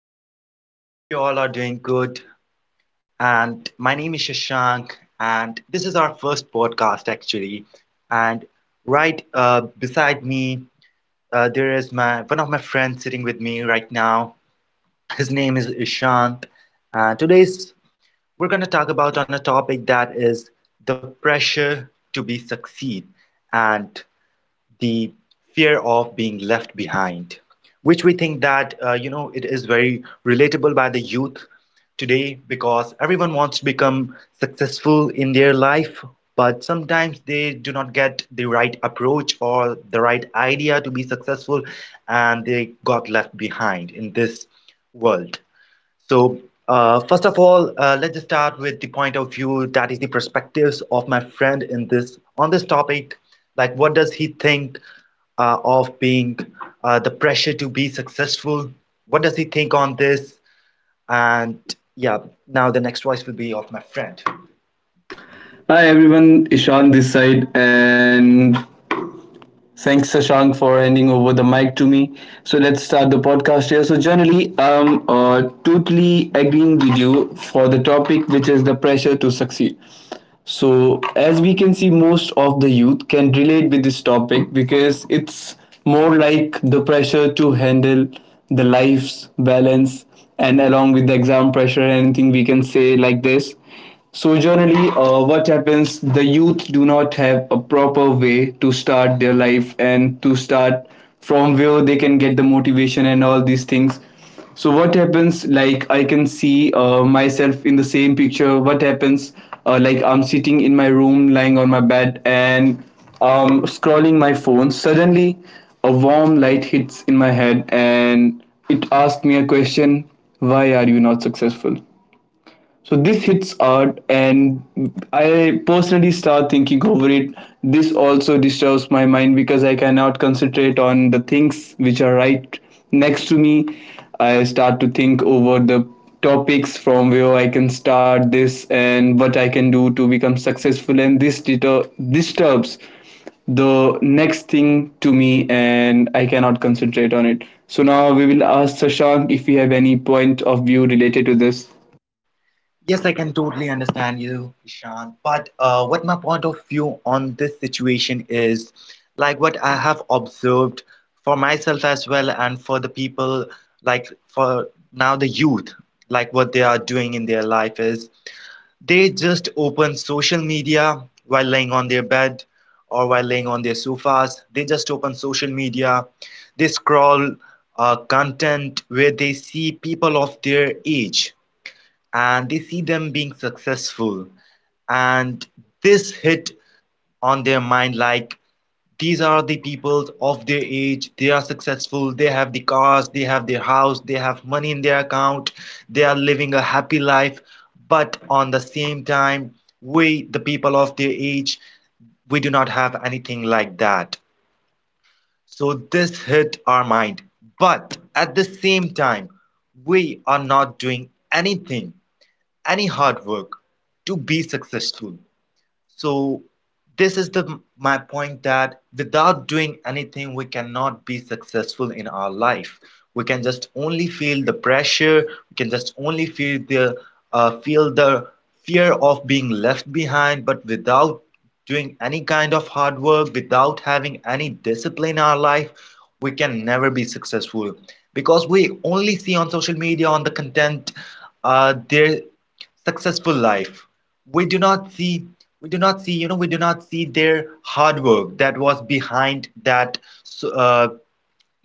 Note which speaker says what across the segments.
Speaker 1: up? Hope you all are doing good. And my name is Shashank, and this is our first podcast actually. And right beside me, there is my one of my friends sitting with me right now. His name is Ishant. Today's we're going to talk about on a topic that is the pressure to be succeed. And the fear of being left behind, which we think that you know it is very relatable by the youth today because everyone wants to become successful in their life, but sometimes they do not get the right approach or the right idea to be successful, and they got left behind in this world. So, first of all, let's just start with the point of view that is the perspectives of my friend in this on this topic. Like, what does he think of being the pressure to be successful. What does he think on this? And yeah, now the next voice will be of my friend.
Speaker 2: Hi everyone, Ishan this side, and thanks Shashank for handing over the mic to me. So let's start the podcast here. So generally, I'm totally agreeing with you for the topic, which is the pressure to succeed. So, as we can see, most of the youth can relate with this topic because it's more like the pressure to handle the life's balance and along with the exam pressure and anything we can say like this. So, generally, what happens? The youth do not have a proper way to start their life and to start from where they can get the motivation and all these things. So what happens, like, I can see myself in the same picture. What happens, like, I'm sitting in my room lying on my bed and scrolling my phone. Suddenly a warm light hits in my head and it asks me a question: why are you not successful? So this hits hard, and I personally start thinking over it. This also disturbs my mind because I cannot concentrate on the things which are right next to me. I start to think over the topics from where I can start this and what I can do to become successful, and this disturbs the next thing to me and I cannot concentrate on it. So now we will ask Sashank if we have any point of view related to this.
Speaker 1: Yes, I can totally understand you, Ishan. But what my point of view on this situation is, like what I have observed for myself as well, and for the people, like for now the youth, like what they are doing in their life is they just open social media while laying on their bed or while laying on their sofas. They just open social media. They scroll content where they see people of their age and they see them being successful, and this hit on their mind like these are the people of their age, they are successful, they have the cars, they have their house, they have money in their account, they are living a happy life, but on the same time we the people of their age, we do not have anything like that. So this hit our mind, but at the same time we are not doing anything, any hard work, to be successful. So this is the my point that without doing anything we cannot be successful in our life. We can just only feel the pressure, we can just only feel the uh, feel the fear of being left behind, but without doing any kind of hard work, without having any discipline in our life, we can never be successful because we only see on social media on the content their successful life. We do not see, we do not see their hard work that was behind that. So,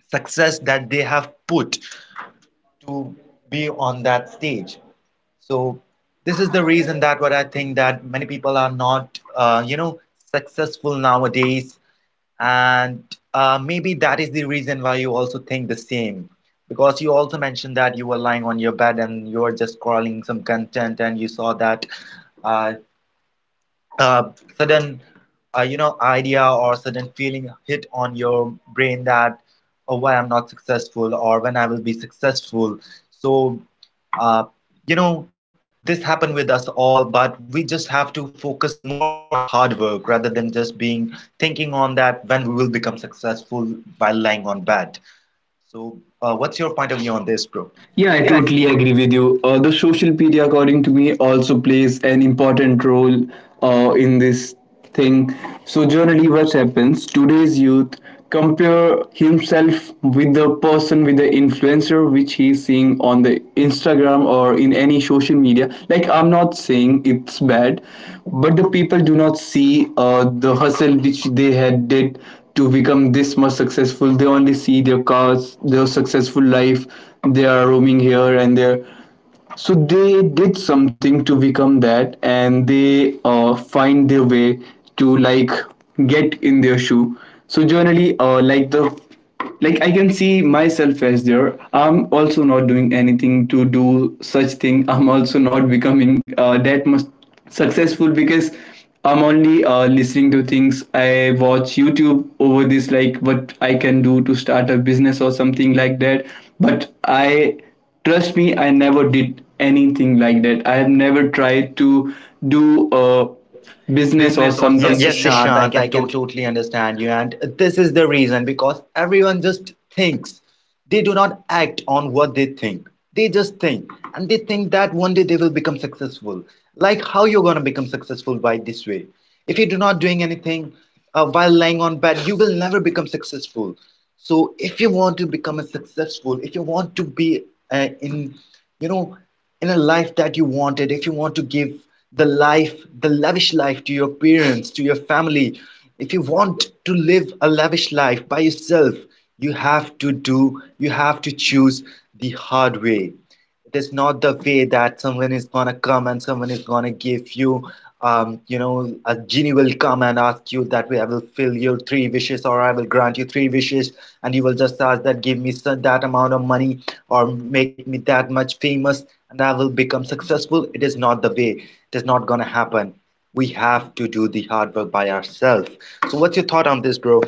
Speaker 1: success that they have put to be on that stage. So this is the reason that what I think that many people are not successful nowadays. And maybe that is the reason why you also think the same, because you also mentioned that you were lying on your bed and you were just scrolling some content and you saw that uh, uh, sudden idea or sudden feeling hit on your brain that, oh, why I'm not successful or when I will be successful. So uh, you know this happened with us all, but we just have to focus more on our hard work rather than just being thinking on that when we will become successful while lying on bed. So what's your point of view on this, bro?
Speaker 2: Yeah, I totally agree with you. The social media, according to me, also plays an important role in this thing. So, generally, what happens, today's youth compare himself with the person, with the influencer which he's seeing on the Instagram or in any social media. Like, I'm not saying it's bad, but the people do not see the hustle which they had did to become this much successful. They only see their cars, their successful life, they are roaming here and there. So they did something to become that and they find their way to, like, get in their shoe. So generally, like, I can see myself as there. I'm also not doing anything to do such thing. I'm also not becoming that much successful, because I'm only listening to things. I watch YouTube over this, like what I can do to start a business or something like that. But I, trust me, I never did anything like that. I have never tried to do a business or
Speaker 1: Business or
Speaker 2: something.
Speaker 1: something.
Speaker 2: Yes,
Speaker 1: Yes,
Speaker 2: Ishant, I
Speaker 1: Ishant, I
Speaker 2: can
Speaker 1: can
Speaker 2: totally.
Speaker 1: totally understand you. And this is the reason because everyone just thinks. They do not act on what they think. They just think. And they think that one day they will become successful. Like how you're going to become successful by this way. If you do not doing anything while lying on bed, you will never become successful. So if you want to become a successful, if you want to be in, you know, in a life that you wanted, if you want to give the life, the lavish life to your parents, to your family, if you want to live a lavish life by yourself, you have to do, you have to choose the hard way. It is not the way that someone is gonna come and someone is gonna give you, you know, a genie will come and ask you that way, I will fill your three wishes or I will grant you three wishes, and you will just ask that, give me that amount of money or make me that much famous and I will become successful. It is not the way. It is not gonna happen. We have to do the hard work by ourselves. So, what's your thought on this, bro?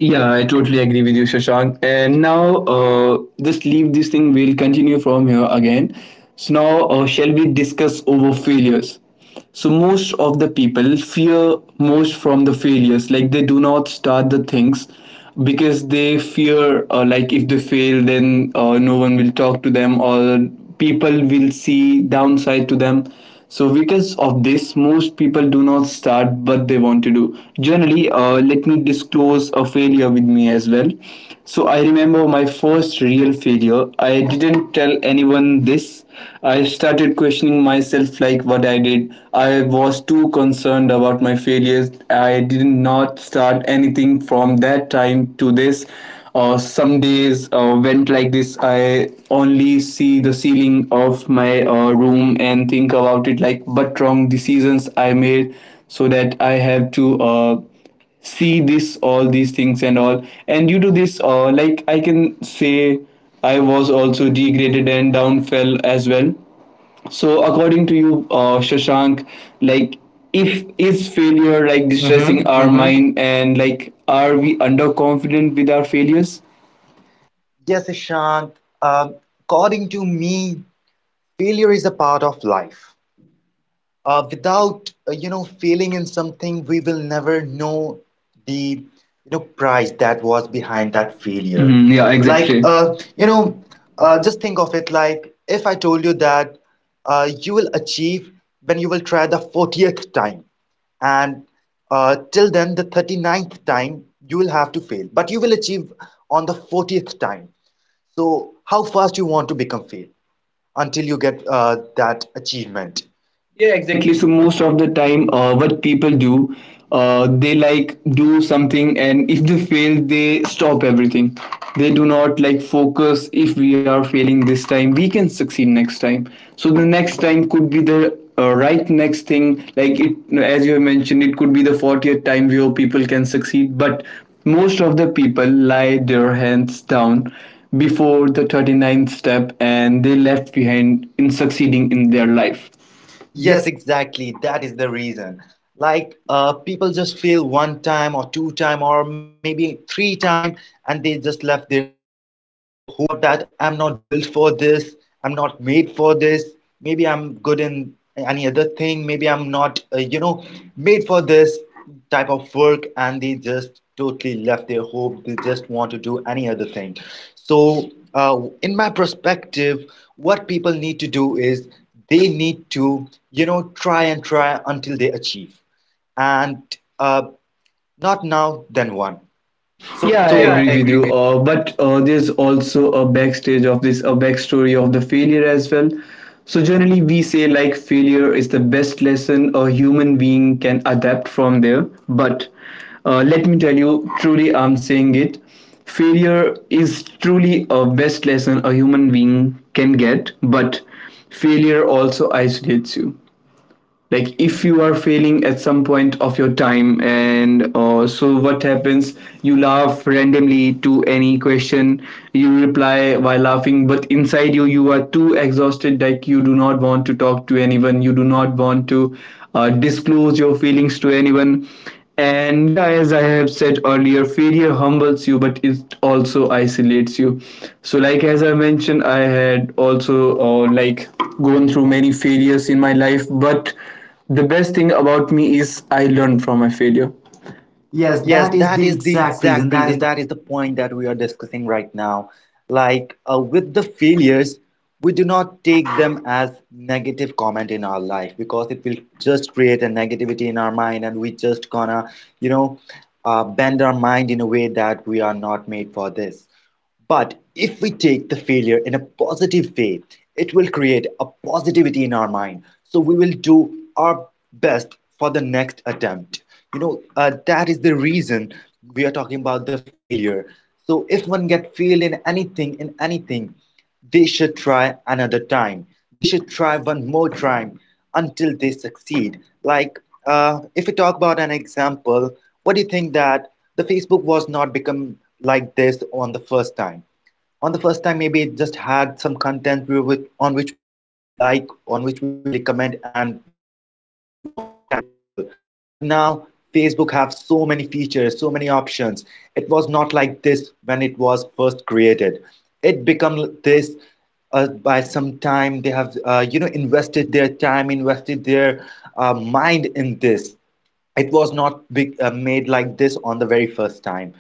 Speaker 2: Yeah, I totally agree with you, Shashank. And now, just leave this thing. We'll continue from here again. So now, shall we discuss over failures? So most of the people fear most from the failures. Like, they do not start the things because they fear, like, if they fail then no one will talk to them or people will see downside to them. So because of this, most people do not start what they want to do. Generally, let me disclose a failure with me as well. So I remember my first real failure. I didn't tell anyone this. I started questioning myself, like what I did. I was too concerned learned about my failures. I did not start anything from that time to this. Some days went like this. I only see the ceiling of my room and think about it, like but wrong decisions I made, so that I have to see this, all these things and all. And due to this, like, I can say I was also degraded and downfell as well. So according to you, Shashank, like, if is
Speaker 1: You're
Speaker 2: failure like
Speaker 1: like distressing
Speaker 2: distressing
Speaker 1: mm-hmm, our
Speaker 2: our
Speaker 1: mm-hmm mind.
Speaker 2: mind, and like are we underconfident with our failures?
Speaker 1: Yes, Ishant. Um, according to me, failure is a part of life. Without you know failing in something, we will never know the you know price that was
Speaker 2: What's
Speaker 1: behind
Speaker 2: behind
Speaker 1: that
Speaker 2: that failure.
Speaker 1: failure. Mhm,
Speaker 2: Mhm,
Speaker 1: yeah,
Speaker 2: yeah,
Speaker 1: like exactly.
Speaker 2: exactly.
Speaker 1: You know,
Speaker 2: Uh,
Speaker 1: just think of it like if I told you that you will achieve when you will try the 40th time, and till then the thirty ninth time you will have to fail, but you will achieve on the 40th time. So how fast you want to become fit until you get that achievement.
Speaker 2: Yeah,
Speaker 1: Yeah,
Speaker 2: exactly.
Speaker 1: exactly.
Speaker 2: So
Speaker 1: So more.
Speaker 2: most of the time, what people do, they like do something, and if they fail, they stop everything. They do not like focus. If we are failing this time, we can succeed next time. So the next time could be the right next thing. Like it, as you have mentioned, it could be the 40th time where people can succeed. But most of the people lie their hands down before the thirty ninth step and they left behind in succeeding in their life. Yes.
Speaker 1: Yes, exactly. That is the reason. Like people just fail one time or two time or maybe three time and they just left their hope. They thought that I'm not built for this. I'm not made for this. Maybe I'm good in any other thing. Maybe I'm not, made for this type of work. And they just totally left their hope. They just want to do any other thing. So, uh, in my perspective, what people need to do is they need to, you know, try and try until they achieve. And uh, not now, then one.
Speaker 2: So yeah, I
Speaker 1: So, yeah, so, I
Speaker 2: agree with
Speaker 1: agree with,
Speaker 2: you. But there's also a backstage of this, a backstory of the failure as well. So generally, we say like failure is the best lesson a human being can adapt from there. But let me tell you, truly, I'm saying it. Failure is truly a best lesson a human being can get, but failure also isolates you. Like, if you are failing at some point of your time, and so what happens, you laugh randomly to any question. You reply by laughing, but inside you, you are too exhausted. Like, you do not want to talk to anyone, you do not want to disclose your feelings to anyone. And yeah, as I have said earlier, failure humbles you, but it also isolates you. So, like as I mentioned, I had also like gone through many failures in my life, but the best thing about me is I learned from my failure. Yes,
Speaker 1: yes,
Speaker 2: that is
Speaker 1: that
Speaker 2: the
Speaker 1: is the
Speaker 2: exact reason.
Speaker 1: exact
Speaker 2: That is
Speaker 1: reason.
Speaker 2: the.
Speaker 1: That is the point that we are discussing right now. Like, with the failures, we do not take them as negative comment in our life because it will just create a negativity in our mind, and we just gonna, you know, bend our mind in a way that we are not made for this. But if we take the failure in a positive way, it will create a positivity in our mind. So we will do our best for the next attempt. You know, that is the reason we are talking about the failure. So if one get failed in anything, they should try another time. They should try one more time until they succeed. Like, if we talk about an example, what do you think that the Facebook was not become like this on the first time. On the first time, maybe it just had some content we with, on which we can only like, on which we can only comment, and we can just only chat with people. But now Facebook have so many features, so many options. It was not like this when it was first created. It become this by some time they have invested their time, invested their mind in this. It was not big, made like this on the very first time.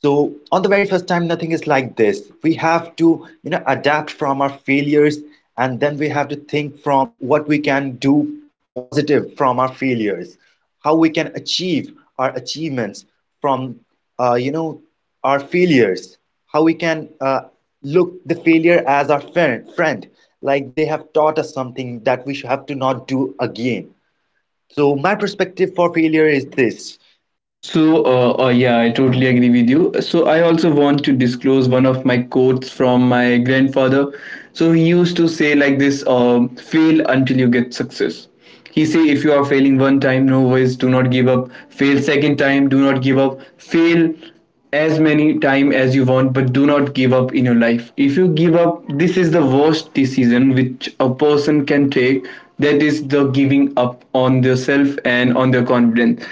Speaker 1: So on the very first time, nothing is like this. We have to, you know, adapt from our failures, and then we have to think from what we can do positive from our failures, how we can achieve our achievements from, uh, you know, our failures, how we can look the failure as our friend, like they have taught us something that we should have to not do again. So my perspective for failure is this.
Speaker 2: So, yeah, I totally agree with you. So, I also want to disclose one of my quotes from my grandfather. So, he used to say like this: "Fail until you get success." He say, "If you are failing one time, no worries. Do not give up. Fail second time. Do not give up. Fail as many time as you want, but do not give up in your life. If you give up, this is the worst decision which a person can take. That is the giving up on their self and on their confidence."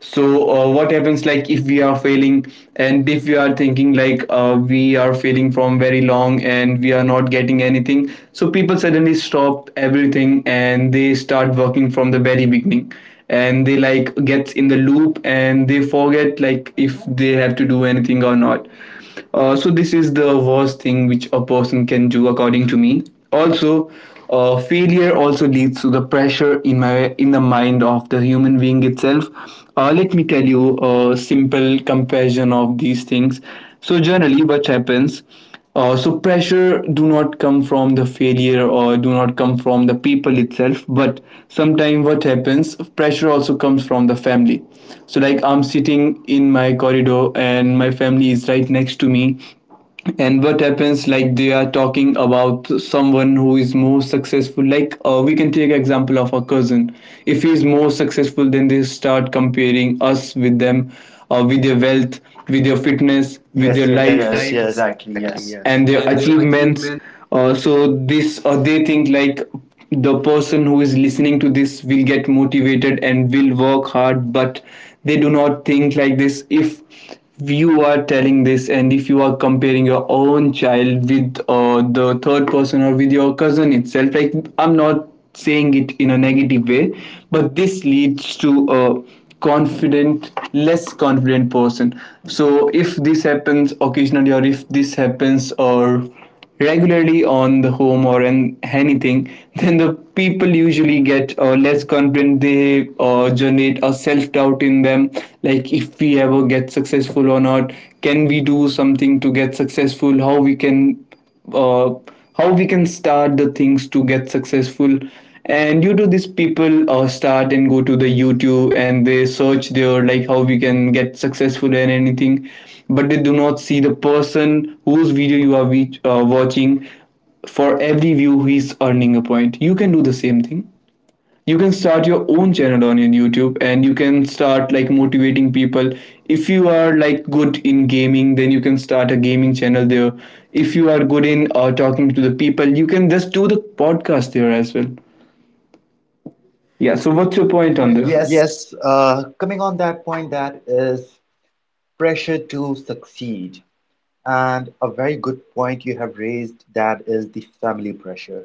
Speaker 2: So what happens, like, if we are failing and if we are thinking like we are failing from very long and we are not getting anything, so people suddenly stop everything and they start working from the very beginning, and they like gets in the loop and they forget like if they have to do anything or not. Uh, so this is the worst thing which a person can do, according to me. Also, failure also leads to the pressure in my, in the mind of the human being itself. Uh, let me tell you a simple comparison of these things. So generally what happens, so pressure do not come from the failure or do not come from the people itself, but sometimes what happens, pressure also comes from the family. So like, I'm sitting in my corridor and my family is right next to me, and what happens, like they are talking about someone who is more successful. Like, we can take example of our cousin. If he is more successful, then they start comparing us with them, with their wealth, with their
Speaker 1: And
Speaker 2: fitness, with,
Speaker 1: yes,
Speaker 2: yes,
Speaker 1: your
Speaker 2: their,
Speaker 1: yes,
Speaker 2: yes,
Speaker 1: life,
Speaker 2: life,
Speaker 1: yes,
Speaker 2: yes,
Speaker 1: exactly,
Speaker 2: exactly,
Speaker 1: yes,
Speaker 2: yes,
Speaker 1: and
Speaker 2: and
Speaker 1: the
Speaker 2: their
Speaker 1: achievement.
Speaker 2: achievements. So this, they think like the person who is listening to this will get motivated and will work hard, but they do not think like this. If you are telling this, and if you are comparing your own child with the third person or with your cousin itself, like, I'm not saying it in a negative way, but this leads to a confident, less confident person. So if this happens occasionally, or if this happens or regularly on the home or in anything, then the people usually get less confident. They generate a self-doubt in them, like if we ever get successful or not. Can we do something to get successful? How we can uh, how we can start the things to get successful? And due to this, people start and go to the youtube and they search there like how we can get successful and anything. But they do not see the person whose video you are watching. For every view he is earning a point. You can do the same thing. You can start your own channel on your youtube and you can start like motivating people. If you are like good in gaming, then you can start a gaming channel there. If you are good in talking to the people, you can just do the podcast there as well. Yeah, so what's your
Speaker 1: What's your
Speaker 2: point on
Speaker 1: point
Speaker 2: this?
Speaker 1: on this?
Speaker 2: Yes,
Speaker 1: Yes, coming on that point, that is pressure to succeed. And a very good point you have raised, that is the family pressure.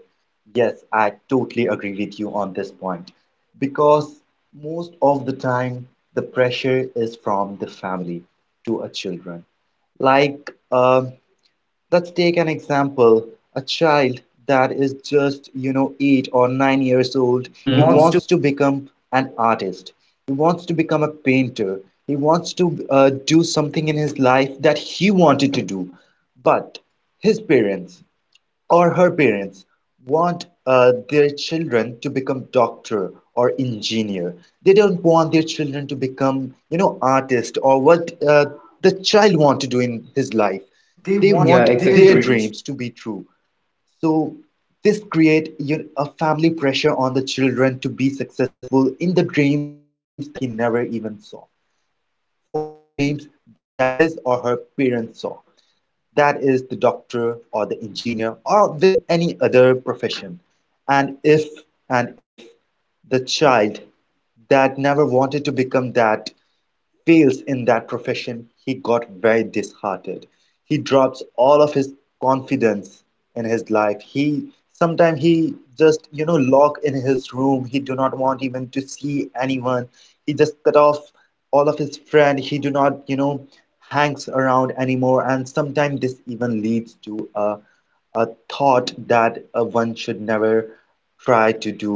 Speaker 1: Yes, I totally agree with you on this point. Because most of the time, the pressure is from the family to our children. Like, let's take an example. A child that is just, you know, 8 or 9 years old,
Speaker 2: he
Speaker 1: he mm-hmm. He
Speaker 2: wants to.
Speaker 1: wants to become an artist. He wants to become a painter. He wants to do something in his life that he wanted to do. But his parents, or her parents want their children to become doctor or engineer. They don't want their children to become, you know, artist or what the child want to do in his life.
Speaker 2: They
Speaker 1: They
Speaker 2: want, yeah,
Speaker 1: want, yeah, ex-
Speaker 2: exactly,
Speaker 1: their
Speaker 2: their
Speaker 1: exactly
Speaker 2: dreams.
Speaker 1: dreams to be true. So this create you know, a family pressure on the children to be successful in the dreams that he never even saw for the dreams that his or her parents saw. That is the doctor or the engineer or with any other profession. And if and if the child that never wanted to become that fails in that profession, he got very disheartened. He drops all of his confidence in his life. He sometimes he just lock in his room. He do not want even to see anyone. He just cut off all of his friend, he do not hangs around anymore, and sometimes this even leads to a thought that one should never try to do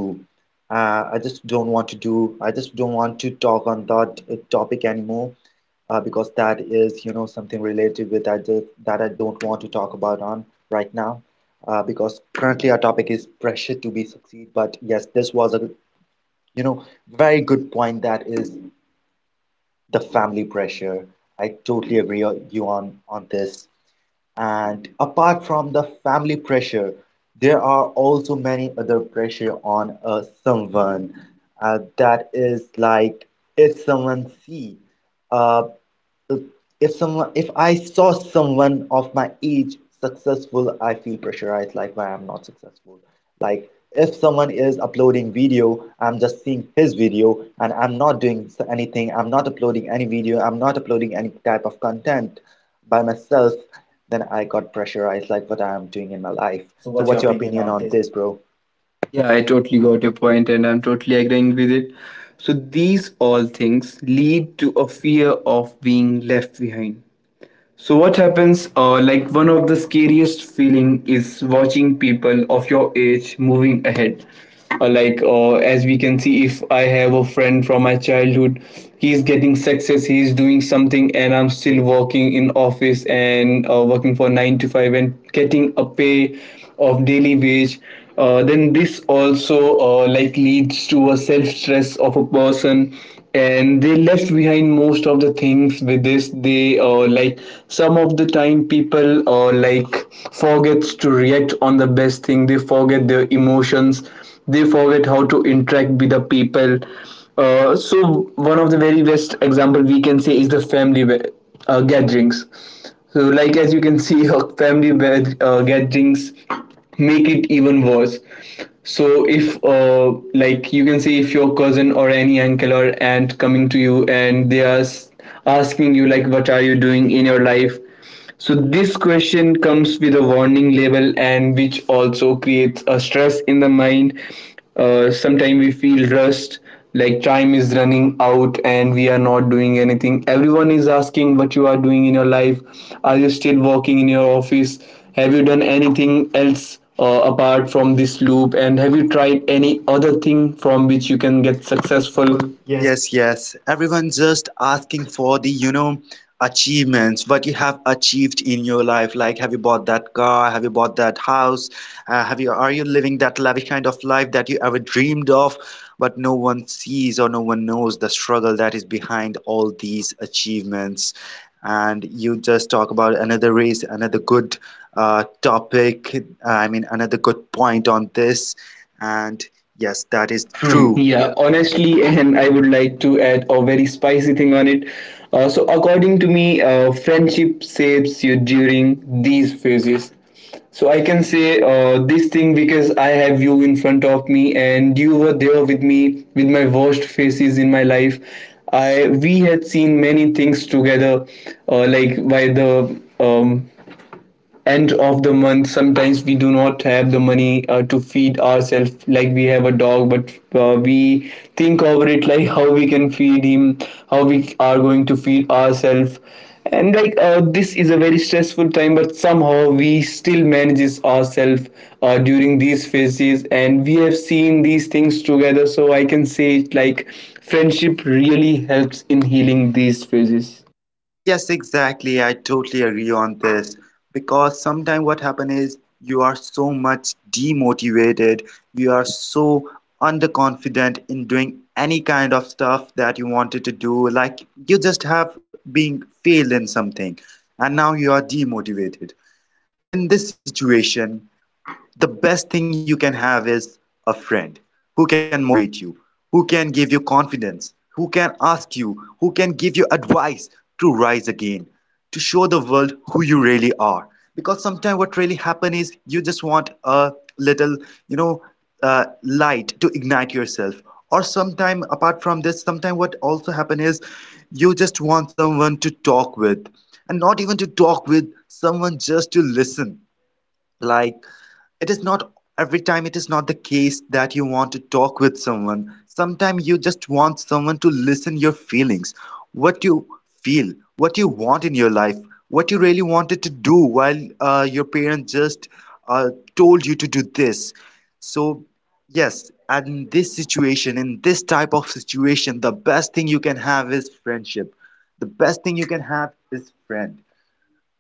Speaker 1: I just don't want to talk on that topic anymore, because that is something related with that that I don't want to talk about on right now, because currently our topic is pressure to be succeed. But yes, this was a, you know very good point, that is the family pressure. I totally agree on you on this. And apart from the family pressure, there are also many other pressure on someone, that is like if someone see uh, if someone, if I saw someone of my age successful, I feel pressurized, like why I'm not successful. Like if someone is uploading video, I'm just seeing his video and I'm not doing anything. I'm not uploading any video. I'm not uploading any type of content by myself. Then I got pressurized, like what I am doing in my life.
Speaker 2: So,
Speaker 1: So
Speaker 2: what's your
Speaker 1: what's your
Speaker 2: opinion on
Speaker 1: opinion
Speaker 2: this?
Speaker 1: on this, bro?
Speaker 2: Yeah, I totally got your point and I'm totally agreeing with it. So, these all things lead to a fear of being left behind. So what happens? Like one of the scariest feeling is watching people of your age moving ahead. As we can see, if I have a friend from my childhood, he's getting success, he's doing something, and I'm still working in office and working for 9 to 5 and getting a pay of daily wage then this also leads to a self stress of a person, and they left behind most of the things. With this they some of the time people forgets to react on the best thing. They forget their emotions, they forget how to interact with the people. So one of the very best example we can say is the gatherings. So, like as you can see, her family gatherings make it even worse. So, if you can see, if your cousin or any uncle or aunt coming to you and they are asking you like, "What are you doing in your life?" So this question comes with a warning label, and which also creates a stress in the mind. Sometimes we feel rushed, like time is running out and we are not doing anything. Everyone is asking what you are doing in your life. Are you still working in your office? Have you done anything else apart from this loop? And have you tried any other thing from which you can
Speaker 1: You can
Speaker 2: get
Speaker 1: get
Speaker 2: successful?
Speaker 1: successful.
Speaker 2: Yes.
Speaker 1: Yes, yes. Everyone just asking for the, you know, achievements, what you have achieved in your life. Like, have you bought that car? Have you bought that house? Have you, are you living that lavish kind of life that you ever dreamed of? But no one sees or no one knows the struggle that is behind all these achievements. And you just talk about another race, another good topic. I mean, another good point on this. And yes,
Speaker 2: That
Speaker 1: that
Speaker 2: is
Speaker 1: is
Speaker 2: true.
Speaker 1: true. Yeah.
Speaker 2: Yeah, honestly, and I would like to add a very spicy thing on it. According to me, friendship shapes you during these phases. So, I can say this thing because I have you in front of me, and you were there with me with my worst phases in my life. I we had seen many things together, like by the um, end of the month sometimes we do not have the money to feed ourselves. Like we have a dog, but we think over it like how we can feed him, how we are going to feed ourselves. And this is a very stressful time, but somehow we still manages ourselves during these phases, and we have seen these things together. So I can say it like friendship really helps in healing these phases.
Speaker 1: Yes, exactly. I totally agree on this, because sometimes what happens is you are so much demotivated, you are so underconfident in doing any kind of stuff that you wanted to do, like you just have being failed in something, and now you are demotivated. In this situation, the best thing you can have is a friend who can motivate you, who can give you confidence, who can ask you, who can give you advice to rise again, to show the world who you really are. Because sometimes what really happens is you just want a little, you know, light to ignite yourself. Or sometimes, apart from this, sometimes what also happen is you just want someone to talk with, and not even to talk with, someone just to listen, like it is not every time, it is not the case that you want to talk with someone. Sometimes you just want someone to listen your feelings, what you feel, what you want in your life, what you really wanted to do while your parents just uh, told you to do this. So yes, and in this situation, in this type of situation, the best thing you can have is friendship, the best thing you can have is friend.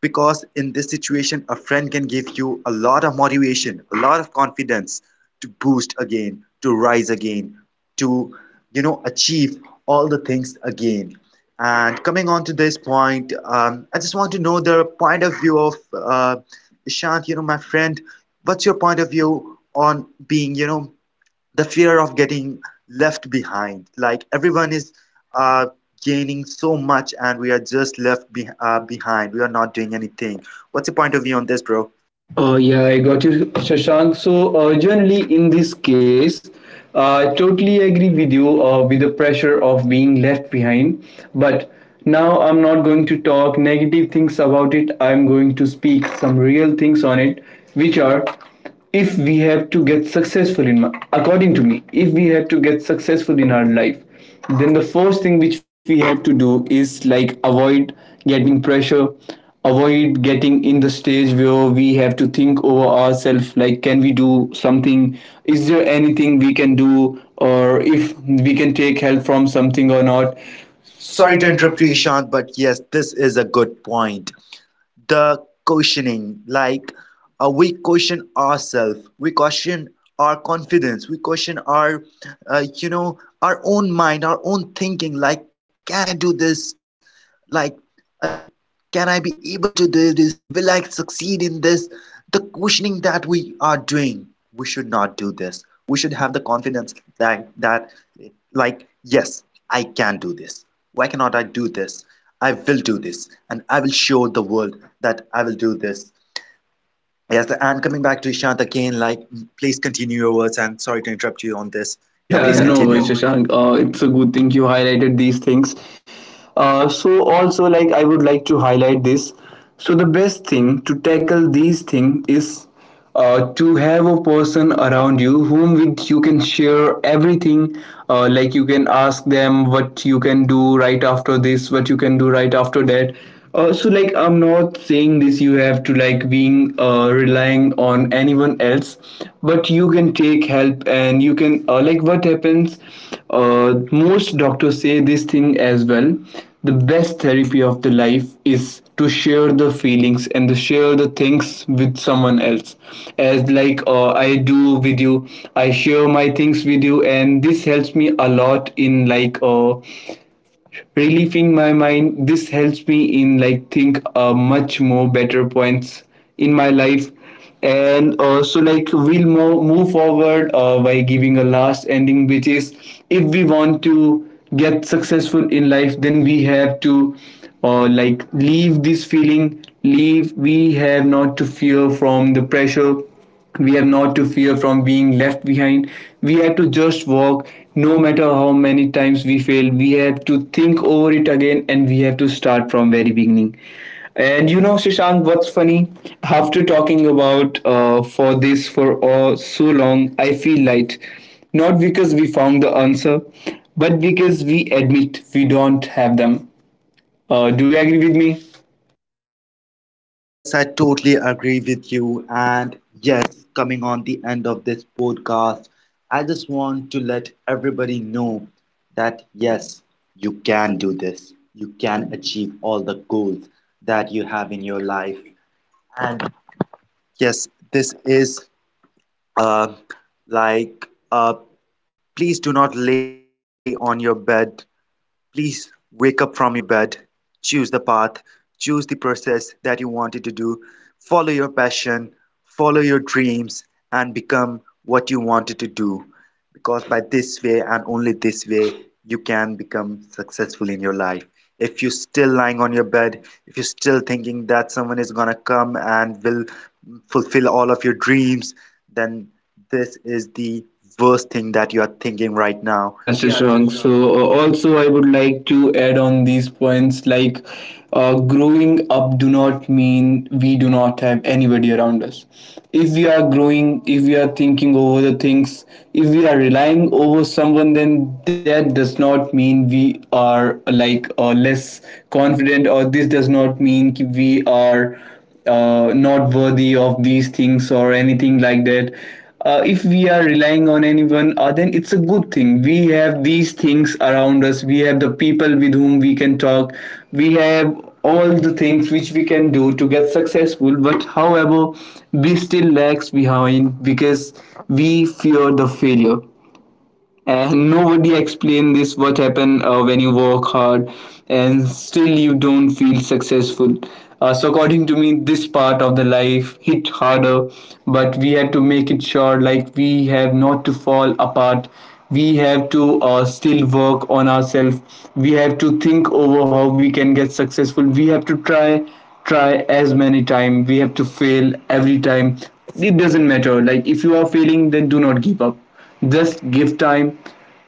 Speaker 1: Because in this situation, a friend can give you a lot of motivation, a lot of confidence, to boost again, to rise again, to, you know, achieve all the things again. And coming on to this point, I just want to know the point of view of uh, Ishant, you know, my friend. What's your point of view on being, you know, the fear of getting left behind, like everyone is uh, gaining so much and we are just behind, we are not doing anything. What's your point of view on
Speaker 2: Yes,
Speaker 1: this,
Speaker 2: bro.
Speaker 1: bro?
Speaker 2: Yeah, I got you, Shashank. So, generally, in this case, I totally agree with you with the pressure of being left behind. But now I'm not going to talk negative things about it. I'm going to speak some real things on it, which are, if we have to get successful in my, according to me, if we have to get successful in our life, then the first thing which we have to do is like avoid getting pressure, avoid getting in the stage where we have to think over ourselves, like can we do something, is there anything we can do, or if we can take help from something or not.
Speaker 1: Sorry
Speaker 2: Sorry
Speaker 1: to
Speaker 2: to
Speaker 1: interrupt
Speaker 2: interrupt you,
Speaker 1: you,
Speaker 2: Isha.
Speaker 1: Ishan, but yes, this is a good point. The questioning, like we question ourselves, we question our confidence, we question our our own mind, our own thinking, like can I do this, like uh, can I be able to do this, will I succeed in this. The questioning that we are doing, we should not do this. We should have the confidence that like yes, I can do this. Why cannot I do this? I will do this and I will show the world that I will do this. Yes, and coming back to Ishant again, like please continue your words. I'm sorry to interrupt you on this. Yeah,
Speaker 2: Yeah,
Speaker 1: please. Yeah, no,
Speaker 2: no,
Speaker 1: continue.
Speaker 2: worries,
Speaker 1: No worries.
Speaker 2: Shashank. It's a good thing you highlighted these things. So also like I would like to highlight this. So the best thing to tackle these things is to have a person around you whom with you can share everything. Like you can ask them what you can do right after this, what you can do right after that. So like I'm not saying this you have to like being relying on anyone else, but you can take help and you can what happens, most doctors say this thing as well. The best therapy of the life is to share the feelings and to share the things with someone else, as like I do with you. I share my things with you and this helps me a lot in relieving my mind. This helps me in think much more better points in my life. And so like we'll move forward by giving a last ending, which is, if we want to get successful in life, then we have to leave this feeling, leave, we have not to fear from the pressure, we have not to fear from being left behind. We have to just walk, no matter how many times we fail. We have to think over it again and we have to start from very beginning. And you know, Shashank, what's funny, after talking about for this for so long, I feel light, not because we found the answer, but because we admit we don't have them. Do you agree with me?
Speaker 1: Yes, I totally agree with you. And yes, coming on the end of this podcast, I just want to let everybody know that yes, you can do this. You can achieve all the goals that you have in your life. And yes, this is uh, like uh, please do not lay on your bed. Please wake up from your bed, choose the path, choose the process that you wanted to do, follow your passion, follow your dreams, and become what you wanted to do. Because by this way and only this way, you can become successful in your life. If you're still lying on your bed, if you're still thinking that someone is gonna come and will fulfill all of your dreams, then this is the worst thing that you are thinking right now.
Speaker 2: Yeah,
Speaker 1: Yeah,
Speaker 2: Shashank. So,
Speaker 1: Shashank. So
Speaker 2: uh, also, I would like to add on these points, like growing up do not mean we do not have anybody around us. If we are growing, if we are thinking over the things, if we are relying over someone, then that does not mean we are less confident, or this does not mean ki we are not worthy of these things or anything like that. If we are relying on anyone, then it's a good thing. We have these things around us. We have the people with whom we can talk. We have all the things which we can do to get successful. But however, we still lags behind because we fear the failure, and nobody explain this what happen when you work hard and still you don't feel successful. So according to me this part of the life hit harder, but we have to make it sure like we have not to fall apart. We have to still work on ourselves. We have to think over how we can get successful. We have to try, try as many time, we have to fail every time. It doesn't matter, like if you are failing then do not give up. Just give time,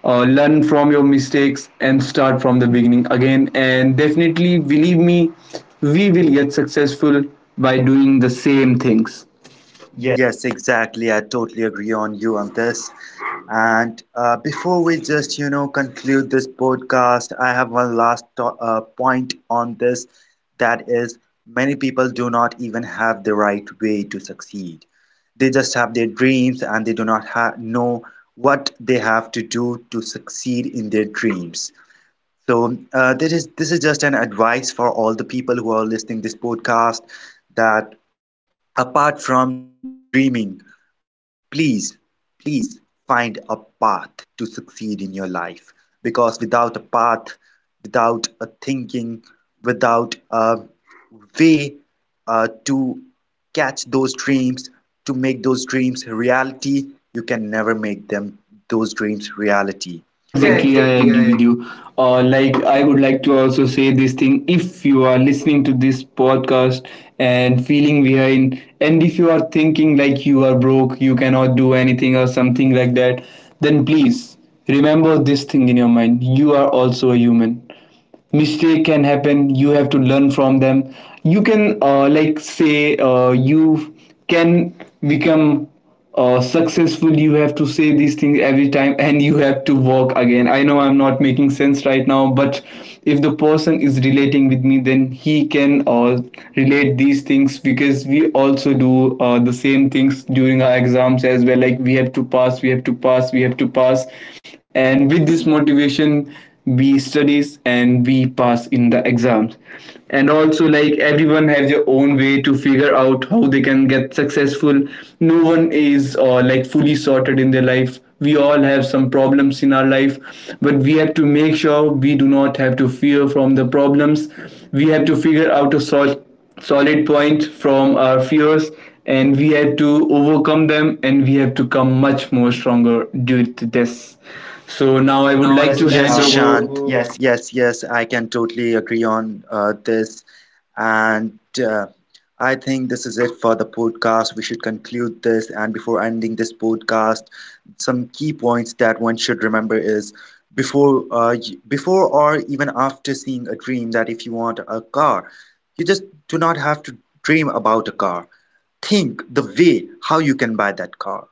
Speaker 2: learn from your mistakes, and start from the beginning again. And definitely, believe me, we will get successful by doing the same things. Yeah.
Speaker 1: yes, exactly. I totally agree on you on this. And before we just, you know, conclude this podcast, I have one last point on this. That is, many people do not even have the right way to succeed. They just have their dreams and they do not ha know what they have to do to succeed in their dreams. So, this is just an advice for all the people who are listening this podcast that apart from dreaming, please, please find a path to succeed in your life, because without a path, without a thinking, without a way to catch those dreams, to make those dreams reality, you can never make them those dreams reality.
Speaker 2: Yeah,
Speaker 1: Yeah,
Speaker 2: exactly. I
Speaker 1: exactly. I
Speaker 2: agree with
Speaker 1: agree.
Speaker 2: you. I would like to also say this thing. If you are listening to this podcast and feeling behind, and if you are thinking like you are broke, you cannot do anything or something like that, then please remember this thing in your mind. You are also a human. Mistake can happen, you have to learn from them. You can like say you can become successful. You have to say these things every time and you have to walk again. I know I'm not making sense right now, but if the person is relating with me then he can relate these things, because we also do the same things during our exams as well. Like we have to pass, we have to pass, we have to pass, and with this motivation we studies and we pass in the exams. And also like everyone has their own way to figure out how they can get successful. No one is fully sorted in their life. We all have some problems in our life, but we have to make sure we do not have to fear from the problems. We have to figure out a solid points from our fears, and we had to overcome them and we have to come much more stronger due to this. So now
Speaker 1: So
Speaker 2: I would
Speaker 1: now I
Speaker 2: like, yes,
Speaker 1: would
Speaker 2: to
Speaker 1: like, yes,
Speaker 2: hand
Speaker 1: to
Speaker 2: Shashank
Speaker 1: hand
Speaker 2: over.
Speaker 1: Ishant over.
Speaker 2: Yes.
Speaker 1: Yes, yes, I can totally agree on this. And uh, I think this is it for the podcast. We should conclude this. And before ending this podcast, some key points that one should remember is before, before or even after seeing a dream, that if you want a car, you just do not have to dream about a car. Think the way how you can buy that car.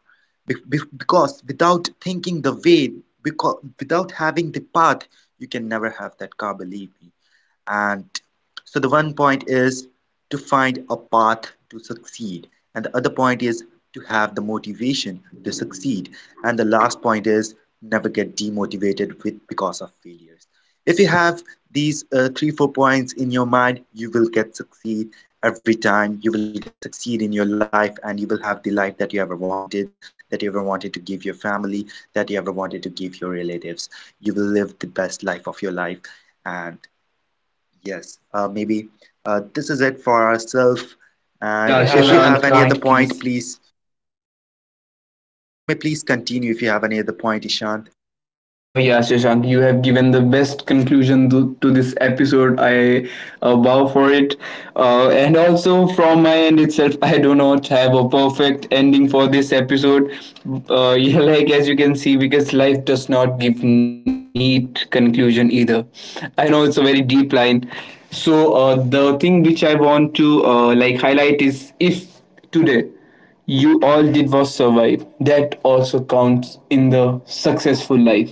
Speaker 1: Be because without thinking the way, because without having the path, you can never have that car, believe me. And so the one point is to find a path to succeed, and the other point is to have the motivation to succeed, and the last point is never get demotivated with because of failures. If you have these three four points in your mind, you will get succeed every time. You will get succeed in your life, and you will have the life that you ever wanted, that you ever wanted to give your family, that you ever wanted to give your relatives. You will live the best life of your life, and yes, maybe this is it for ourselves. And
Speaker 2: Yeah. If
Speaker 1: if, yeah, you, yeah,
Speaker 2: Shashank
Speaker 1: have
Speaker 2: other
Speaker 1: any, Shashank, other, Prashant,
Speaker 2: point,
Speaker 1: point,
Speaker 2: please.
Speaker 1: please, you may please continue if you have any other point, Ishant.
Speaker 2: Oh yeah, Shashank, you have given the best conclusion to this episode. I bow for it. And also from my end itself, I do not have a perfect ending for this episode. Yeah, like as you can see, because life does not give neat conclusion either. I know it's a very deep line. So the thing which I want to highlight is, if today you all did was survive, that also counts in the successful life.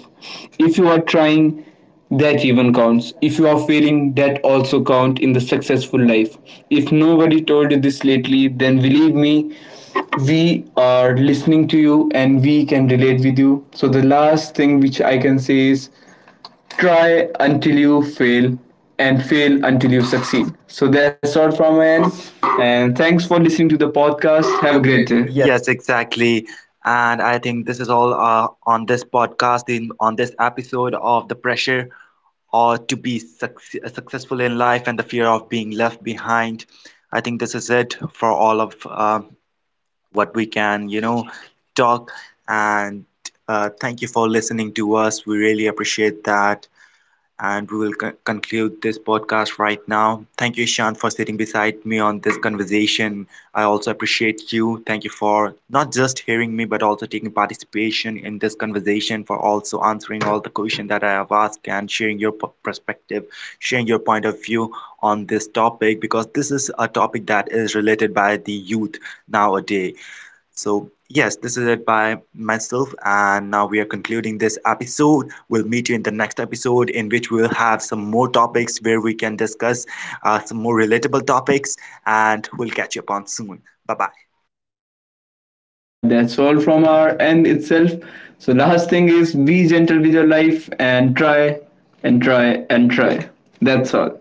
Speaker 2: If you are trying, that even counts. If you are failing, that also count in the successful life. If nobody told you this lately, then believe me, we are listening to you and we can relate with you. So the last thing which I can say is, try until you fail, and fail until you succeed. So that's all from my end. And thanks for listening to the podcast.
Speaker 1: Have a
Speaker 2: Have a
Speaker 1: great
Speaker 2: great
Speaker 1: day.
Speaker 2: day. Yeah.
Speaker 1: Yes, exactly. And I think this is all on this podcast, in on this episode of the pressure or to be successful in life and the fear of being left behind. I think this is it for all of what we can, you know, talk. And thank you for listening to us. We really appreciate that. And we will conclude this podcast right now. Thank you, Shan, for sitting beside me on this conversation. I also appreciate you. Thank you for not just hearing me, but also taking participation in this conversation, for also answering all the questions that I have asked and sharing your perspective, sharing your point of view on this topic, because this is a topic that is related by the youth nowadays. So, yes, this is it by myself, and now we are concluding this episode. We'll meet you in the next episode, in which we'll have some more topics where we can discuss some more relatable topics, and we'll catch you upon soon. Bye bye.
Speaker 2: Yeah, that's all from our end itself. So last thing is be gentle with your life and try and try and try. That's all.